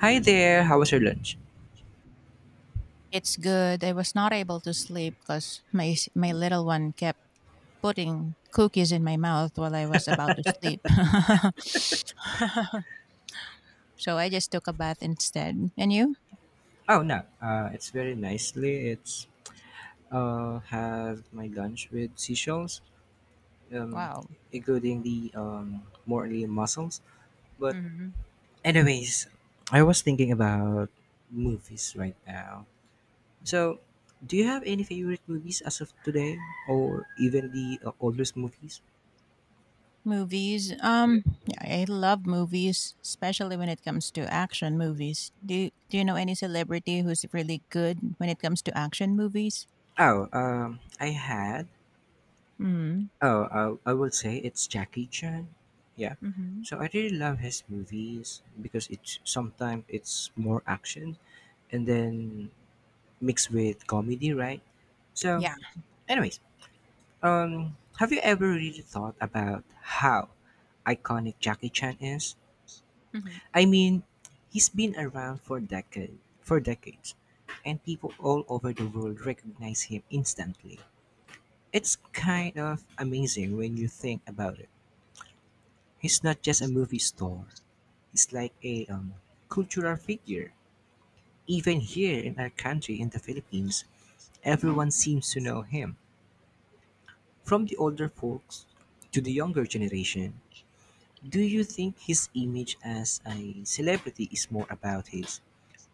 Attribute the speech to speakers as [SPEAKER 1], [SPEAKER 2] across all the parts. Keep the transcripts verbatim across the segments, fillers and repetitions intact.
[SPEAKER 1] Hi there. How was your lunch?
[SPEAKER 2] It's good. I was not able to sleep because my s- my little one kept putting cookies in my mouth while I was about to sleep. So I just took a bath instead. And you?
[SPEAKER 1] Oh no, uh, it's very nicely. It's uh, had my lunch with seashells, um,
[SPEAKER 2] Wow.
[SPEAKER 1] including the um, mortally mussels. But
[SPEAKER 2] hmm
[SPEAKER 1] anyways, I was thinking about movies right now. So, do you have any favorite movies as of today, or even the uh, oldest movies?
[SPEAKER 2] Movies.
[SPEAKER 1] Yeah.
[SPEAKER 2] Um, yeah, I love movies, especially when it comes to action movies. Do you, Do you know any celebrity who's really good when it comes to action movies?
[SPEAKER 1] Oh, um, I had
[SPEAKER 2] Mm-hmm.
[SPEAKER 1] Oh, I, I will say it's Jackie Chan. Yeah.
[SPEAKER 2] Mm-hmm.
[SPEAKER 1] So I really love his movies because it's sometimes it's more action and then mixed with comedy, right? So,
[SPEAKER 2] Yeah.
[SPEAKER 1] anyways, um, have you ever really thought about how iconic Jackie Chan is?
[SPEAKER 2] hmm
[SPEAKER 1] I mean, he's been around for decade, for decades, and people all over the world recognize him instantly. It's kind of amazing when you think about it. He's not just a movie star. He's like a um, cultural figure. Even here in our country, in the Philippines, everyone seems to know him. From the older folks to the younger generation, do you think his image as a celebrity is more about his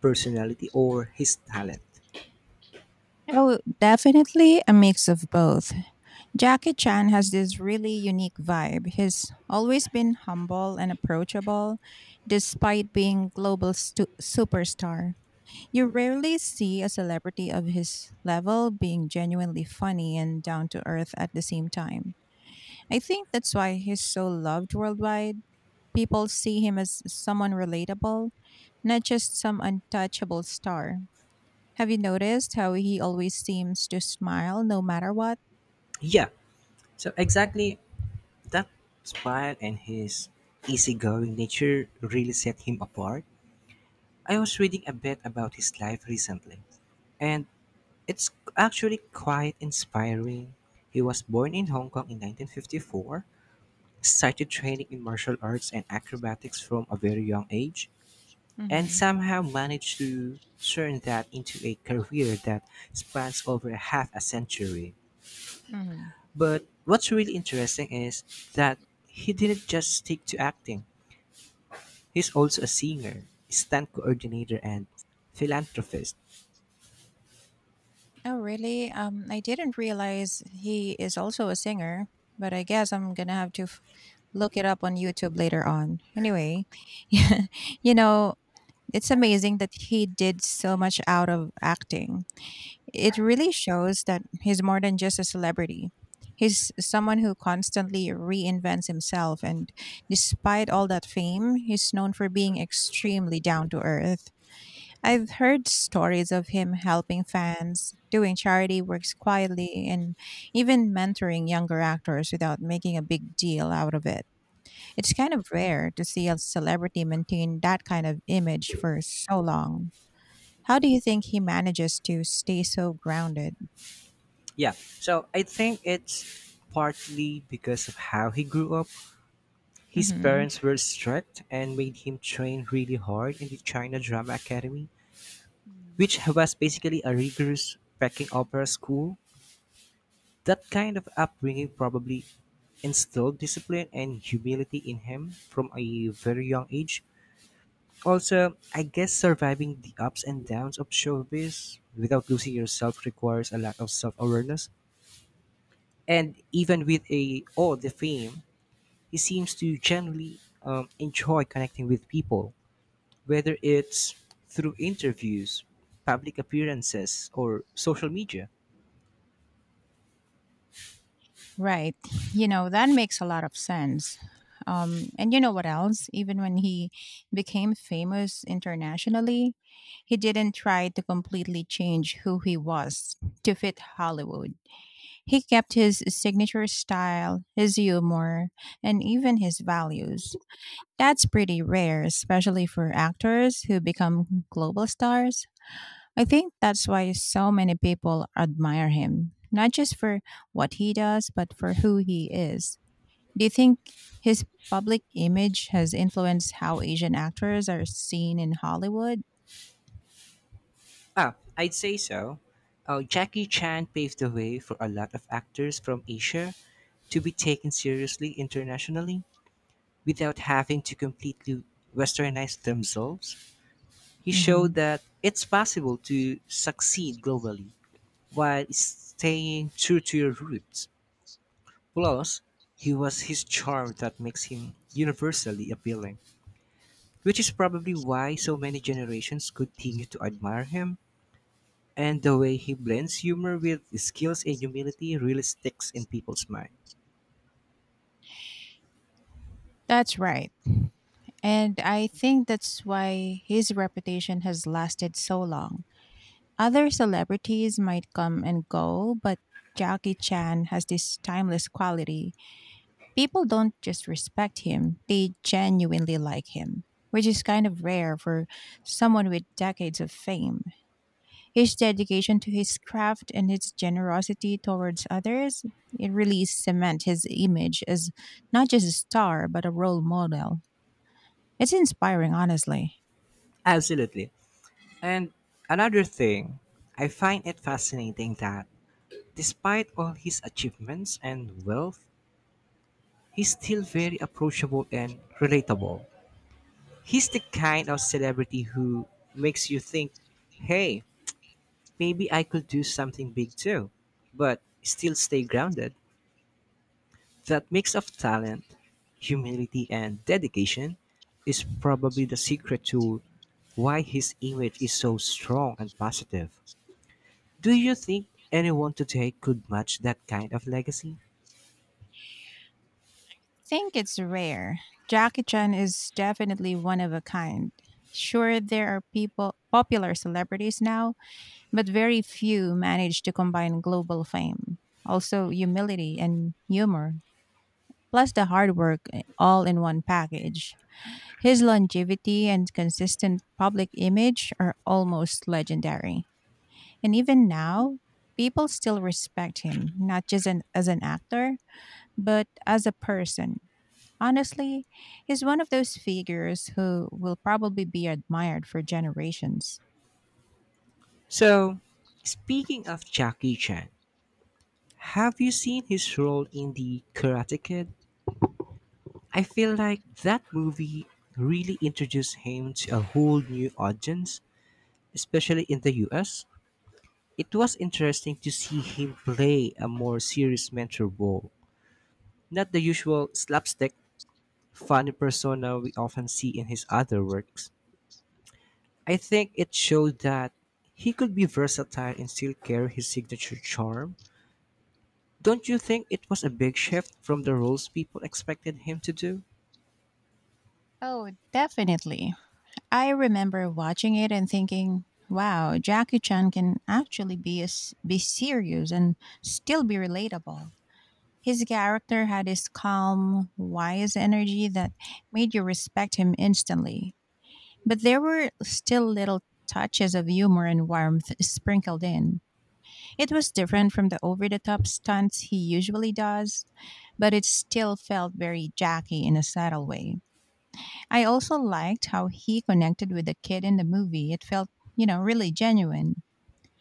[SPEAKER 1] personality or his talent?
[SPEAKER 2] Oh, definitely a mix of both. Jackie Chan has this really unique vibe. He's always been humble and approachable, despite being global stu- superstar. You rarely see a celebrity of his level being genuinely funny and down to earth at the same time. I think that's why he's so loved worldwide. People see him as someone relatable, not just some untouchable star. Have you noticed how he always seems to smile no matter what?
[SPEAKER 1] Yeah, so exactly that style and his easygoing nature really set him apart. I was reading a bit about his life recently, and it's actually quite inspiring. He was born in Hong Kong in nineteen fifty-four, started training in martial arts and acrobatics from a very young age, and
[SPEAKER 2] hmm
[SPEAKER 1] somehow managed to turn that into a career that spans over half a century. But what's really interesting is that he didn't just stick to acting. He's also a singer, stunt coordinator, and philanthropist.
[SPEAKER 2] Oh, really? Um, I didn't realize he is also a singer, but I guess I'm gonna have to f- look it up on YouTube later on. Anyway, you know, it's amazing that he did so much out of acting. It really shows that he's more than just a celebrity. He's someone who constantly reinvents himself, and despite all that fame, he's known for being extremely down to earth. I've heard stories of him helping fans, doing charity works quietly, and even mentoring younger actors without making a big deal out of it. It's kind of rare to see a celebrity maintain that kind of image for so long. How do you think he manages to stay so grounded?
[SPEAKER 1] Yeah, so I think it's partly because of how he grew up. His
[SPEAKER 2] hmm
[SPEAKER 1] parents were strict and made him train really hard in the China Drama Academy, which was basically a rigorous Peking opera school. That kind of upbringing probably instilled discipline and humility in him from a very young age. Also, I guess surviving the ups and downs of showbiz without losing yourself requires a lot of self awareness. And even with a all the fame, he seems to generally um, enjoy connecting with people whether it's through interviews, public appearances, or social media.
[SPEAKER 2] Right. You know, that makes a lot of sense. Um, and you know what else? Even when he became famous internationally, he didn't try to completely change who he was to fit Hollywood. He kept his signature style, his humor, and even his values. That's pretty rare, especially for actors who become global stars. I think that's why so many people admire him, not just for what he does, but for who he is. Do you think his public image has influenced how Asian actors are seen in Hollywood?
[SPEAKER 1] Ah, I'd say so. Uh, Jackie Chan paved the way for a lot of actors from Asia to be taken seriously internationally without having to completely westernize themselves. He
[SPEAKER 2] hmm
[SPEAKER 1] showed that it's possible to succeed globally while staying true to your roots. Plus, he was his charm that makes him universally appealing, which is probably why so many generations continue to admire him. And the way he blends humor with skills and humility really sticks in people's mind.
[SPEAKER 2] That's right. And I think that's why his reputation has lasted so long. Other celebrities might come and go, but Jackie Chan has this timeless quality. People don't just respect him, they genuinely like him, which is kind of rare for someone with decades of fame. His dedication to his craft and his generosity towards others, it really cement his image as not just a star, but a role model. It's inspiring, honestly.
[SPEAKER 1] Absolutely. And another thing, I find it fascinating that despite all his achievements and wealth, he's still very approachable and relatable. He's the kind of celebrity who makes you think, hey, maybe I could do something big too, but still stay grounded. That mix of talent, humility, and dedication is probably the secret to why his image is so strong and positive. Do you think anyone today could match that kind of legacy?
[SPEAKER 2] Think it's rare. Jackie Chan is definitely one of a kind. Sure, there are people, popular celebrities now, but very few manage to combine global fame, also humility and humor, plus the hard work eh, all in one package. His longevity and consistent public image are almost legendary. And even now, people still respect him, not just an, as an actor, but as a person. Honestly, he's one of those figures who will probably be admired for generations.
[SPEAKER 1] So, speaking of Jackie Chan, have you seen his role in The Karate Kid? I feel like that movie really introduced him to a whole new audience, especially in the U S. It was interesting to see him play a more serious mentor role, not the usual slapstick, funny persona we often see in his other works. I think it showed that he could be versatile and still carry his signature charm. Don't you think it was a big shift from the roles people expected him to do?
[SPEAKER 2] Oh, definitely. I remember watching it and thinking, wow, Jackie Chan can actually be, as be serious and still be relatable. His character had this calm, wise energy that made you respect him instantly. But there were still little touches of humor and warmth sprinkled in. It was different from the over the top stunts he usually does, but it still felt very Jackie in a subtle way. I also liked how he connected with the kid in the movie. It felt, you know, really genuine.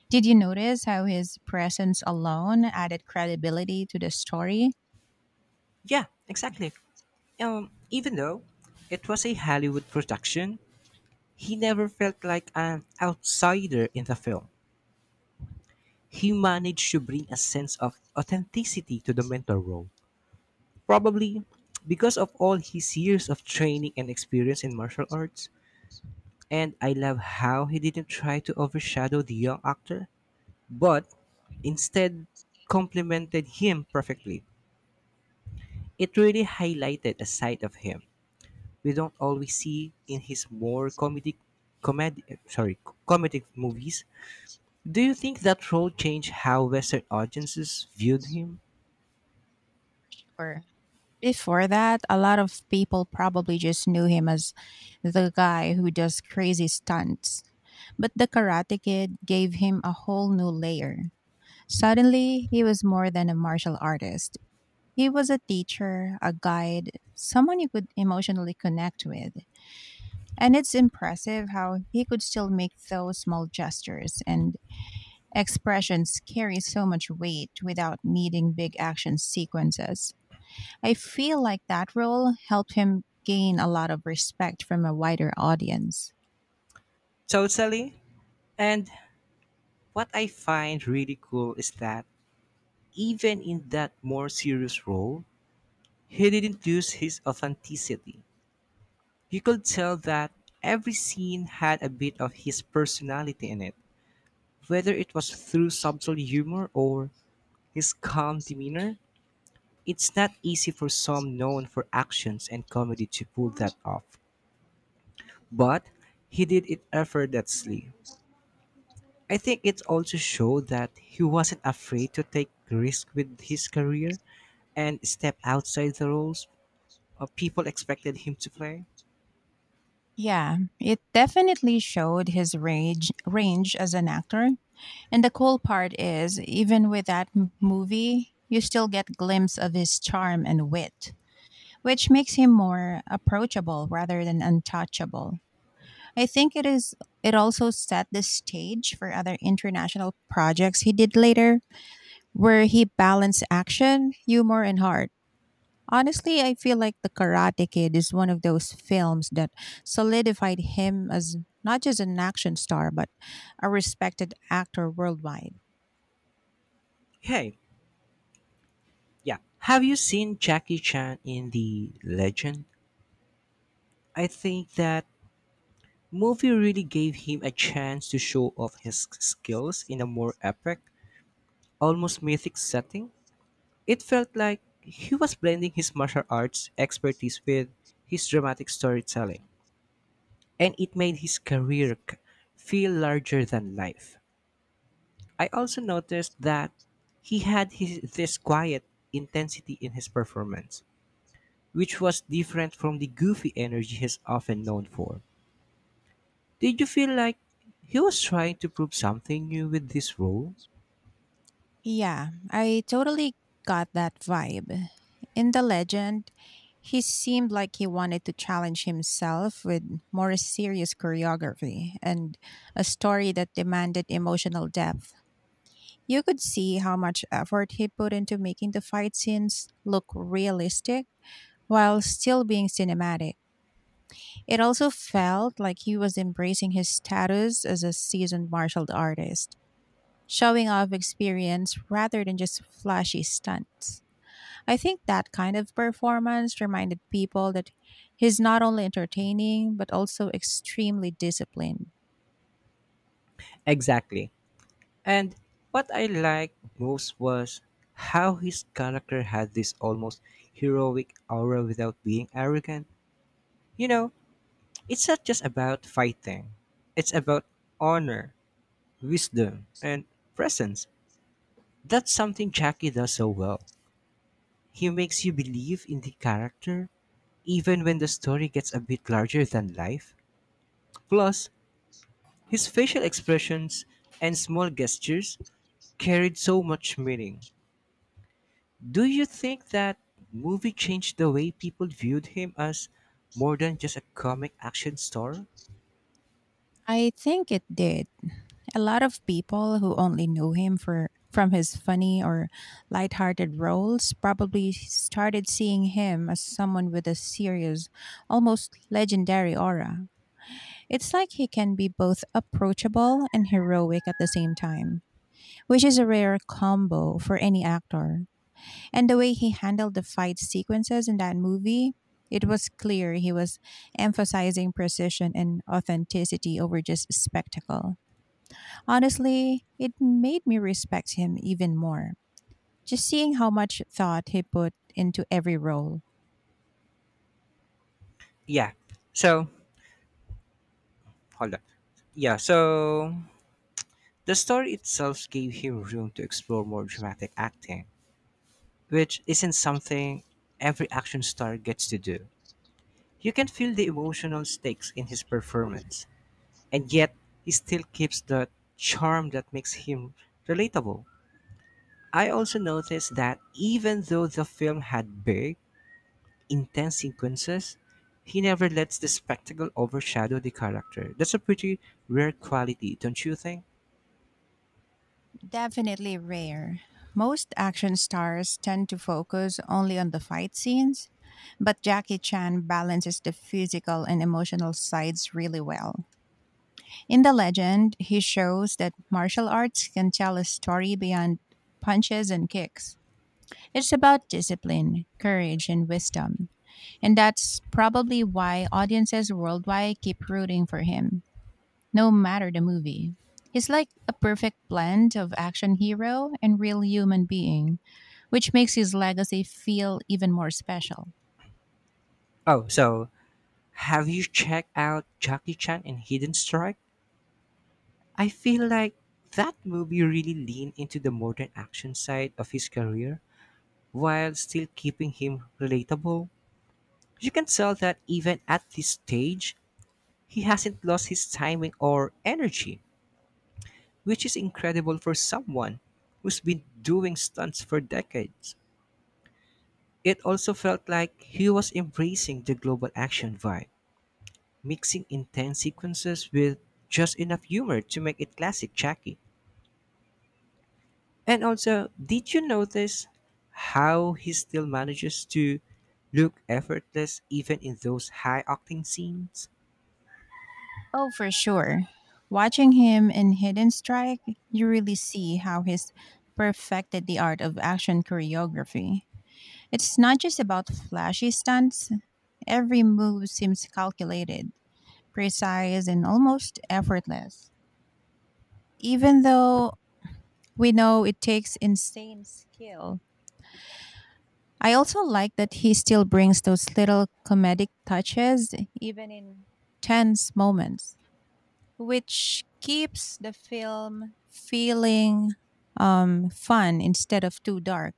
[SPEAKER 2] Did you notice how his presence alone added credibility to the story?
[SPEAKER 1] Yeah, exactly. Um, even though it was a Hollywood production, he never felt like an outsider in the film. He managed to bring a sense of authenticity to the mentor role. Probably because of all his years of training and experience in martial arts. And I love how he didn't try to overshadow the young actor, but instead complemented him perfectly. It really highlighted a side of him we don't always see in his more comedic comedy sorry comedic movies. Do you think that role changed how Western audiences viewed him?
[SPEAKER 2] Or before that, a lot of people probably just knew him as the guy who does crazy stunts. But the Karate Kid gave him a whole new layer. Suddenly, he was more than a martial artist. He was a teacher, a guide, someone you could emotionally connect with. And it's impressive how he could still make those small gestures and expressions carry so much weight without needing big action sequences. I feel like that role helped him gain a lot of respect from a wider audience.
[SPEAKER 1] Totally. And what I find really cool is that even in that more serious role, he didn't lose his authenticity. You could tell that every scene had a bit of his personality in it. Whether it was through subtle humor or his calm demeanor, it's not easy for some known for actions and comedy to pull that off. But he did it effortlessly. I think it also showed that he wasn't afraid to take risk with his career and step outside the roles uh, people expected him to play.
[SPEAKER 2] Yeah, it definitely showed his range range as an actor. And the cool part is, even with that m- movie, you still get glimpse of his charm and wit, which makes him more approachable rather than untouchable. I think it is it also set the stage for other international projects he did later where he balanced action, humor and heart. Honestly, I feel like The Karate Kid is one of those films that solidified him as not just an action star but a respected actor worldwide.
[SPEAKER 1] Hey, yeah. Have you seen Jackie Chan in The Legend? I think that movie really gave him a chance to show off his skills in a more epic, almost mythic setting. It felt like he was blending his martial arts expertise with his dramatic storytelling, and it made his career k- feel larger than life. I also noticed that he had his, this quiet intensity in his performance, which was different from the goofy energy he's often known for. Did you feel like he was trying to prove something new with this role?
[SPEAKER 2] Yeah, I totally got that vibe. In the legend, he seemed like he wanted to challenge himself with more serious choreography and a story that demanded emotional depth. You could see how much effort he put into making the fight scenes look realistic while still being cinematic. It also felt like he was embracing his status as a seasoned martial artist showing off experience rather than just flashy stunts. I think that kind of performance reminded people that he's not only entertaining, but also extremely disciplined.
[SPEAKER 1] Exactly. And what I liked most was how his character had this almost heroic aura without being arrogant. You know, it's not just about fighting. It's about honor, wisdom, and presence. That's something Jackie does so well. He makes you believe in the character even when the story gets a bit larger than life. Plus, his facial expressions and small gestures carried so much meaning. Do you think that movie changed the way people viewed him as more than just a comic action star?
[SPEAKER 2] I think it did. A lot of people who only knew him for from his funny or lighthearted roles probably started seeing him as someone with a serious, almost legendary aura. It's like he can be both approachable and heroic at the same time, which is a rare combo for any actor. And the way he handled the fight sequences in that movie, it was clear he was emphasizing precision and authenticity over just spectacle. Honestly, it made me respect him even more. Just seeing how much thought he put into every role.
[SPEAKER 1] Yeah. So, hold on. Yeah, so the story itself gave him room to explore more dramatic acting, which isn't something every action star gets to do. You can feel the emotional stakes in his performance, and yet he still keeps the charm that makes him relatable. I also noticed that even though the film had big, intense sequences, he never lets the spectacle overshadow the character. That's a pretty rare quality, don't you think?
[SPEAKER 2] Definitely rare. Most action stars tend to focus only on the fight scenes, but Jackie Chan balances the physical and emotional sides really well. In the legend, he shows that martial arts can tell a story beyond punches and kicks. It's about discipline, courage, and wisdom. And that's probably why audiences worldwide keep rooting for him, no matter the movie. He's like a perfect blend of action hero and real human being, which makes his legacy feel even more special.
[SPEAKER 1] Oh, so have you checked out Jackie Chan and Hidden Strike? I feel like that movie really leaned into the modern action side of his career while still keeping him relatable. You can tell that even at this stage, he hasn't lost his timing or energy, which is incredible for someone who's been doing stunts for decades. It also felt like he was embracing the global action vibe, mixing intense sequences with just enough humor to make it classic Jackie. And also, did you notice how he still manages to look effortless even in those high octane scenes?
[SPEAKER 2] Oh, for sure. Watching him in Hidden Strike, you really see how he's perfected the art of action choreography. It's not just about flashy stunts, every move seems calculated, precise, and almost effortless. Even though we know it takes insane skill, I also like that he still brings those little comedic touches, even in tense moments, which keeps the film feeling um, fun instead of too dark.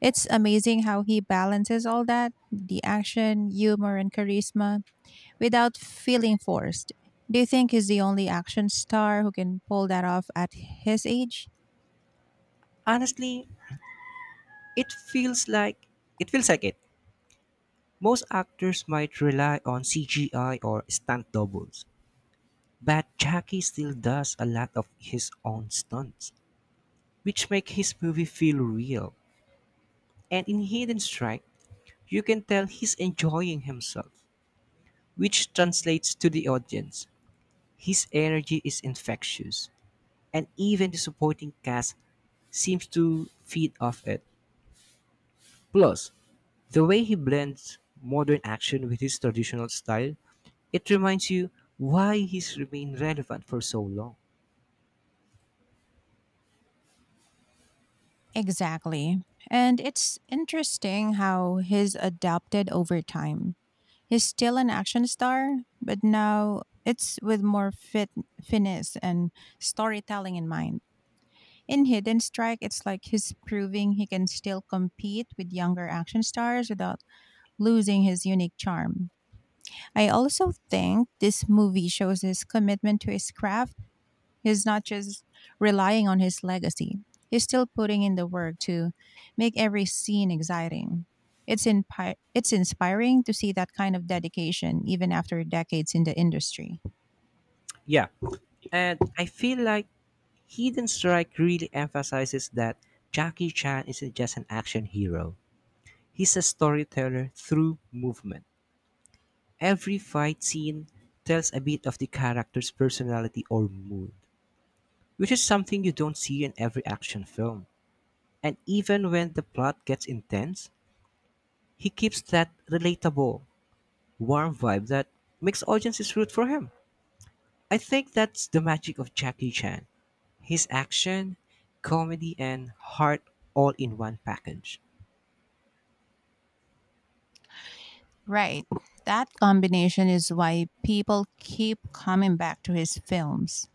[SPEAKER 2] It's amazing how he balances all that the action, humor, and charisma without feeling forced. Do you think he's the only action star who can pull that off at his age?
[SPEAKER 1] Honestly, it feels like it feels like it. Most actors might rely on C G I or stunt doubles, but Jackie still does a lot of his own stunts, which make his movie feel real. And in Hidden Strike, you can tell he's enjoying himself, which translates to the audience. His energy is infectious, and even the supporting cast seems to feed off it. Plus, the way he blends modern action with his traditional style, it reminds you why he's remained relevant for so long.
[SPEAKER 2] Exactly. And it's interesting how he's adapted over time. He's still an action star, but now it's with more fit, finesse and storytelling in mind. In Hidden Strike, it's like he's proving he can still compete with younger action stars without losing his unique charm. I also think this movie shows his commitment to his craft. He's not just relying on his legacy, he's still putting in the work to make every scene exciting. It's, impi- it's inspiring to see that kind of dedication even after decades in the industry.
[SPEAKER 1] Yeah, and I feel like Hidden Strike really emphasizes that Jackie Chan isn't just an action hero. He's a storyteller through movement. Every fight scene tells a bit of the character's personality or mood, which is something you don't see in every action film. And even when the plot gets intense, he keeps that relatable, warm vibe that makes audiences root for him. I think that's the magic of Jackie Chan. His action, comedy, and heart all in one package.
[SPEAKER 2] Right. That combination is why people keep coming back to his films.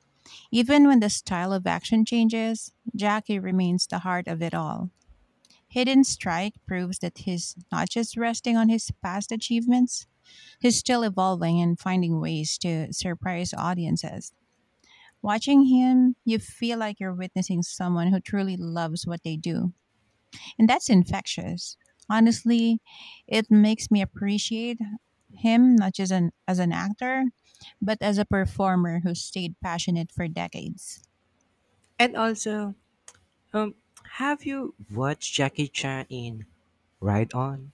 [SPEAKER 2] Even when the style of action changes, Jackie remains the heart of it all. Hidden Strike proves that he's not just resting on his past achievements, he's still evolving and finding ways to surprise audiences. Watching him, you feel like you're witnessing someone who truly loves what they do and that's infectious. Honestly, it makes me appreciate him not just an, as an actor, but as a performer who stayed passionate for decades.
[SPEAKER 1] And also, um, have you watched Jackie Chan in Ride On?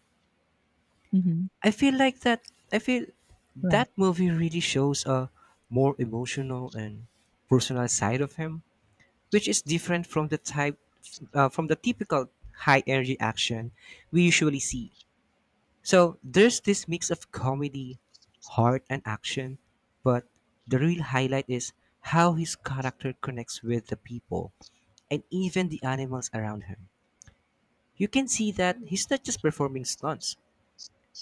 [SPEAKER 2] hmm
[SPEAKER 1] I feel like that. I feel
[SPEAKER 2] Right.
[SPEAKER 1] that movie really shows a more emotional and personal side of him, which is different from the type uh, from the typical high energy action we usually see. So there's this mix of comedy, heart, and action, but the real highlight is how his character connects with the people and even the animals around him. You can see that he's not just performing stunts;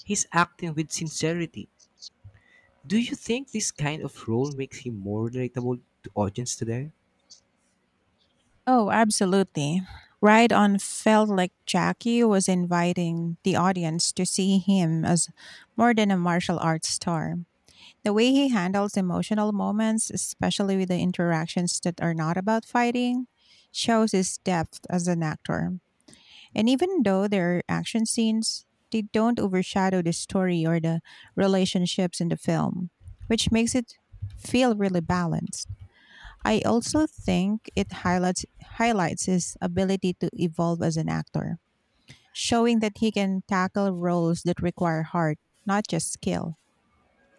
[SPEAKER 1] he's acting with sincerity. Do you think this kind of role makes him more relatable to audience today?
[SPEAKER 2] Oh, absolutely. Ride On felt like Jackie was inviting the audience to see him as more than a martial arts star. The way he handles emotional moments, especially with the interactions that are not about fighting, shows his depth as an actor. And even though there are action scenes, they don't overshadow the story or the relationships in the film, which makes it feel really balanced. I also think it highlights highlights his ability to evolve as an actor, showing that he can tackle roles that require heart, not just skill.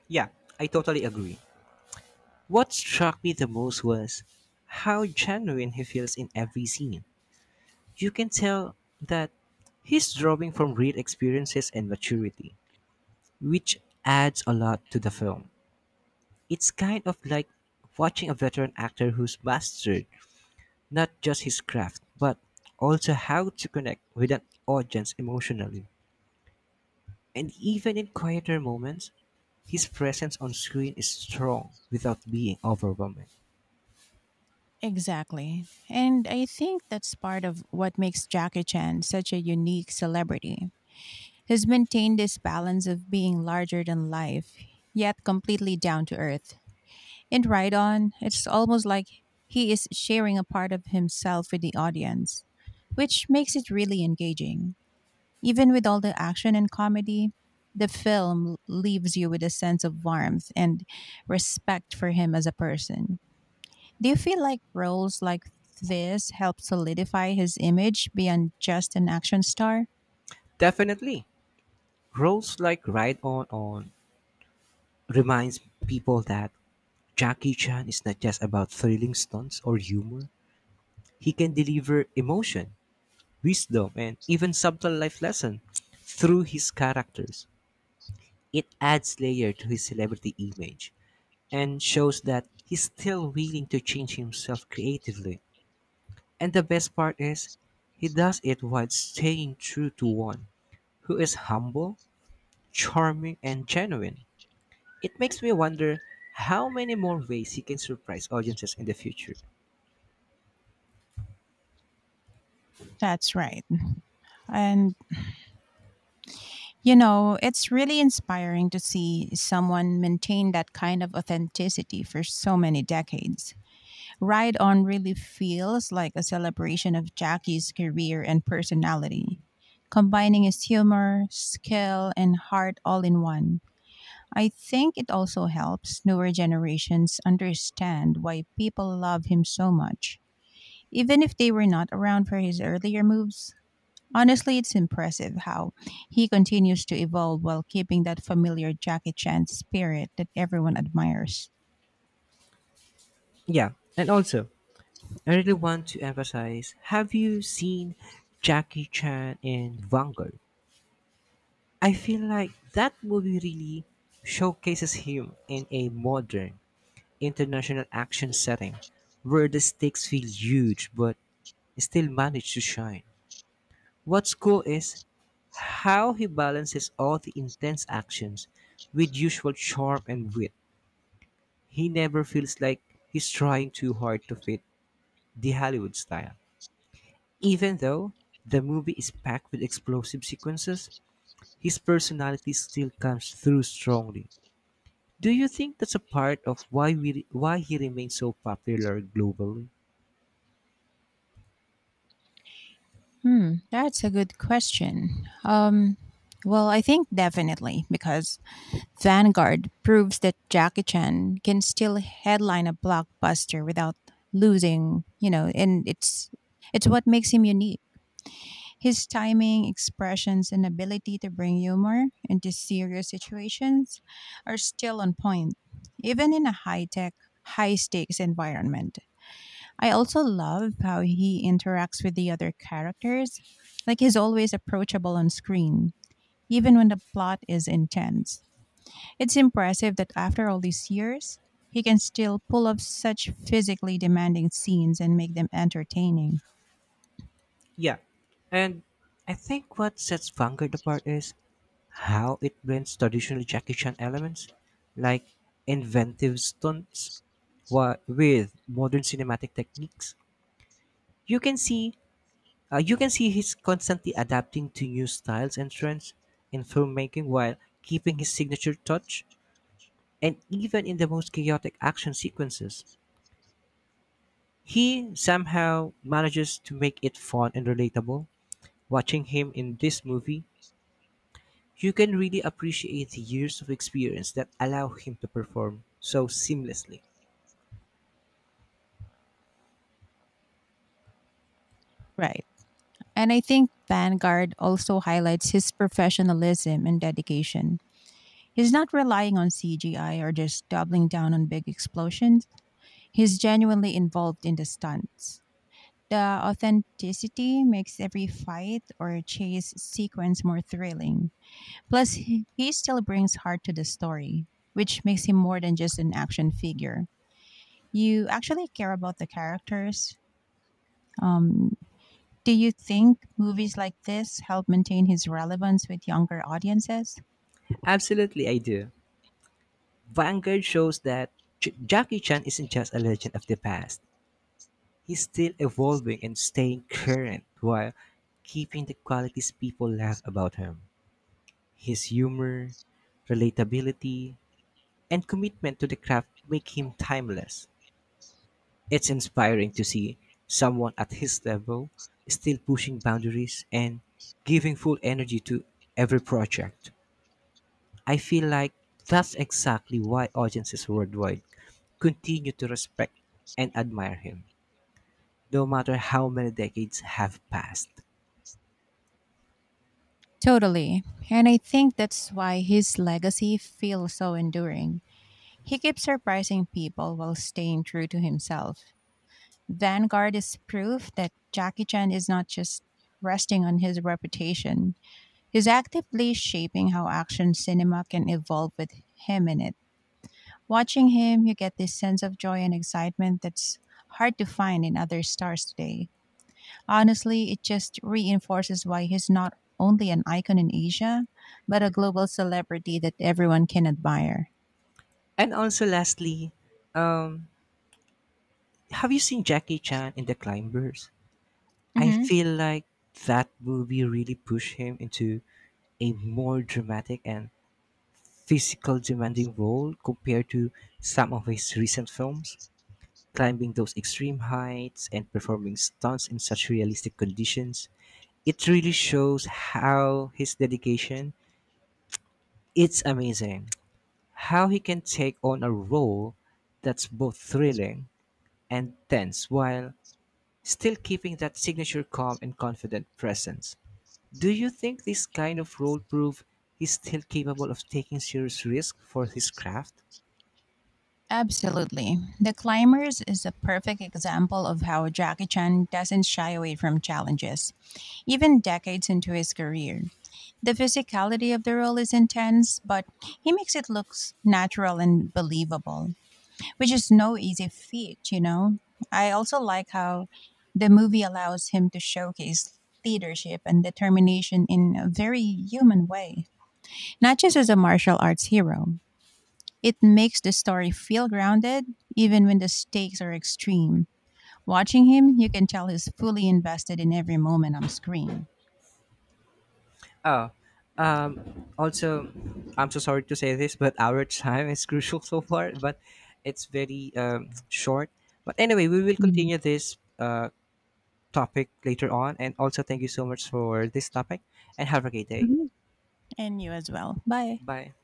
[SPEAKER 1] Yeah, I totally agree. What struck me the most was how genuine he feels in every scene. You can tell that he's drawing from real experiences and maturity, which adds a lot to the film. It's kind of like watching a veteran actor who's mastered not just his craft, but also how to connect with an audience emotionally. And even in quieter moments, his presence on screen is strong without being overwhelming.
[SPEAKER 2] Exactly. And I think that's part of what makes Jackie Chan such a unique celebrity. Has maintained this balance of being larger than life, yet completely down to earth. In Ride On, it's almost like he is sharing a part of himself with the audience, which makes it really engaging. Even with all the action and comedy, the film leaves you with a sense of warmth and respect for him as a person. Do you feel like roles like this help solidify his image beyond just an action star?
[SPEAKER 1] Definitely, roles like Ride On On reminds people that Jackie Chan is not just about thrilling stunts or humor. He can deliver emotion, wisdom, and even subtle life lesson through his characters. It adds layer to his celebrity image and shows that he's still willing to change himself creatively. And the best part is, he does it while staying true to one who is humble, charming, and genuine. It makes me wonder how many more ways he can surprise audiences in the future.
[SPEAKER 2] That's right. And you know, it's really inspiring to see someone maintain that kind of authenticity for so many decades. Ride On really feels like a celebration of Jackie's career and personality, combining his humor, skill, and heart all in one. I think it also helps newer generations understand why people love him so much. Even if they were not around for his earlier moves, honestly, it's impressive how he continues to evolve while keeping that familiar Jackie Chan spirit that everyone admires.
[SPEAKER 1] Yeah, and also, I really want to emphasize have you seen Jackie Chan in Vanguard? I feel like that movie really showcases him in a modern, international action setting where the stakes feel huge but still manage to shine. What's cool is how he balances all the intense actions with usual charm and wit. He never feels like he's trying too hard to fit the Hollywood style. Even though the movie is packed with explosive sequences, his personality still comes through strongly. Do you think that's a part of why we why he remains so popular globally?
[SPEAKER 2] Hmm, that's a good question. Um, well, I think definitely because Vanguard proves that Jackie Chan can still headline a blockbuster without losing, you know, and it's it's what makes him unique. His timing, expressions, and ability to bring humor into serious situations are still on point, even in a high tech, high stakes environment. I also love how he interacts with the other characters. Like he's always approachable on screen, even when the plot is intense. It's impressive that after all these years, he can still pull off such physically demanding scenes and make them entertaining.
[SPEAKER 1] Yeah. And I think what sets Vanguard apart is how it blends traditional Jackie Chan elements, like inventive stunts, wa- with modern cinematic techniques. You can see, uh, you can see he's constantly adapting to new styles and trends in filmmaking while keeping his signature touch. And even in the most chaotic action sequences, he somehow manages to make it fun and relatable. Watching him in this movie you can really appreciate the years of experience that allow him to perform so seamlessly.
[SPEAKER 2] Right. And I think Vanguard also highlights his professionalism and dedication. He's not relying on C G I or just doubling down on big explosions. He's genuinely involved in the stunts. The authenticity makes every fight or chase sequence more thrilling. Plus, he he still brings heart to the story, which makes him more than just an action figure. You actually care about the characters. Um, do you think movies like this help maintain his relevance with younger audiences?
[SPEAKER 1] Absolutely, I do. Vanguard shows that J- Jackie Chan isn't just a legend of the past. He's still evolving and staying current while keeping the qualities people love about him. His humor, relatability, and commitment to the craft make him timeless. It's inspiring to see someone at his level still pushing boundaries and giving full energy to every project. I feel like that's exactly why audiences worldwide continue to respect and admire him, no matter how many decades have passed.
[SPEAKER 2] Totally. And I think that's why his legacy feels so enduring. He keeps surprising people while staying true to himself. Vanguard is proof that Jackie Chan is not just resting on his reputation. He's actively shaping how action cinema can evolve with him in it. Watching him, you get this sense of joy and excitement that's hard to find in other stars today. Honestly, it just reinforces why he's not only an icon in Asia, but a global celebrity that everyone can admire.
[SPEAKER 1] And also, lastly, have you seen Jackie Chan in The Climbers? I
[SPEAKER 2] hmm
[SPEAKER 1] feel like that movie really pushed him into a more dramatic and physical demanding role compared to some of his recent films, climbing those extreme heights and performing stunts in such realistic conditions. It really shows how his dedication, it's amazing how he can take on a role that's both thrilling and tense while still keeping that signature calm and confident presence. Do you think this kind of role prove he's still capable of taking serious risk for his craft?
[SPEAKER 2] Absolutely. The Climbers is a perfect example of how Jackie Chan doesn't shy away from challenges, even decades into his career. The physicality of the role is intense, but he makes it look s- natural and believable, which is no easy feat, you know. I also like how the movie allows him to showcase leadership and determination in a very human way, not just as a martial arts hero. It makes the story feel grounded, even when the stakes are extreme. Watching him, you can tell he's fully invested in every moment on screen.
[SPEAKER 1] Oh, um, also, I'm so sorry to say this, but our time is crucial so far, but it's very um, short. But anyway, we will
[SPEAKER 2] Mhm.
[SPEAKER 1] continue this uh, topic later on. And also, thank you so much for this topic and have a great day.
[SPEAKER 2] Mhm. And you as well. Bye.
[SPEAKER 1] Bye.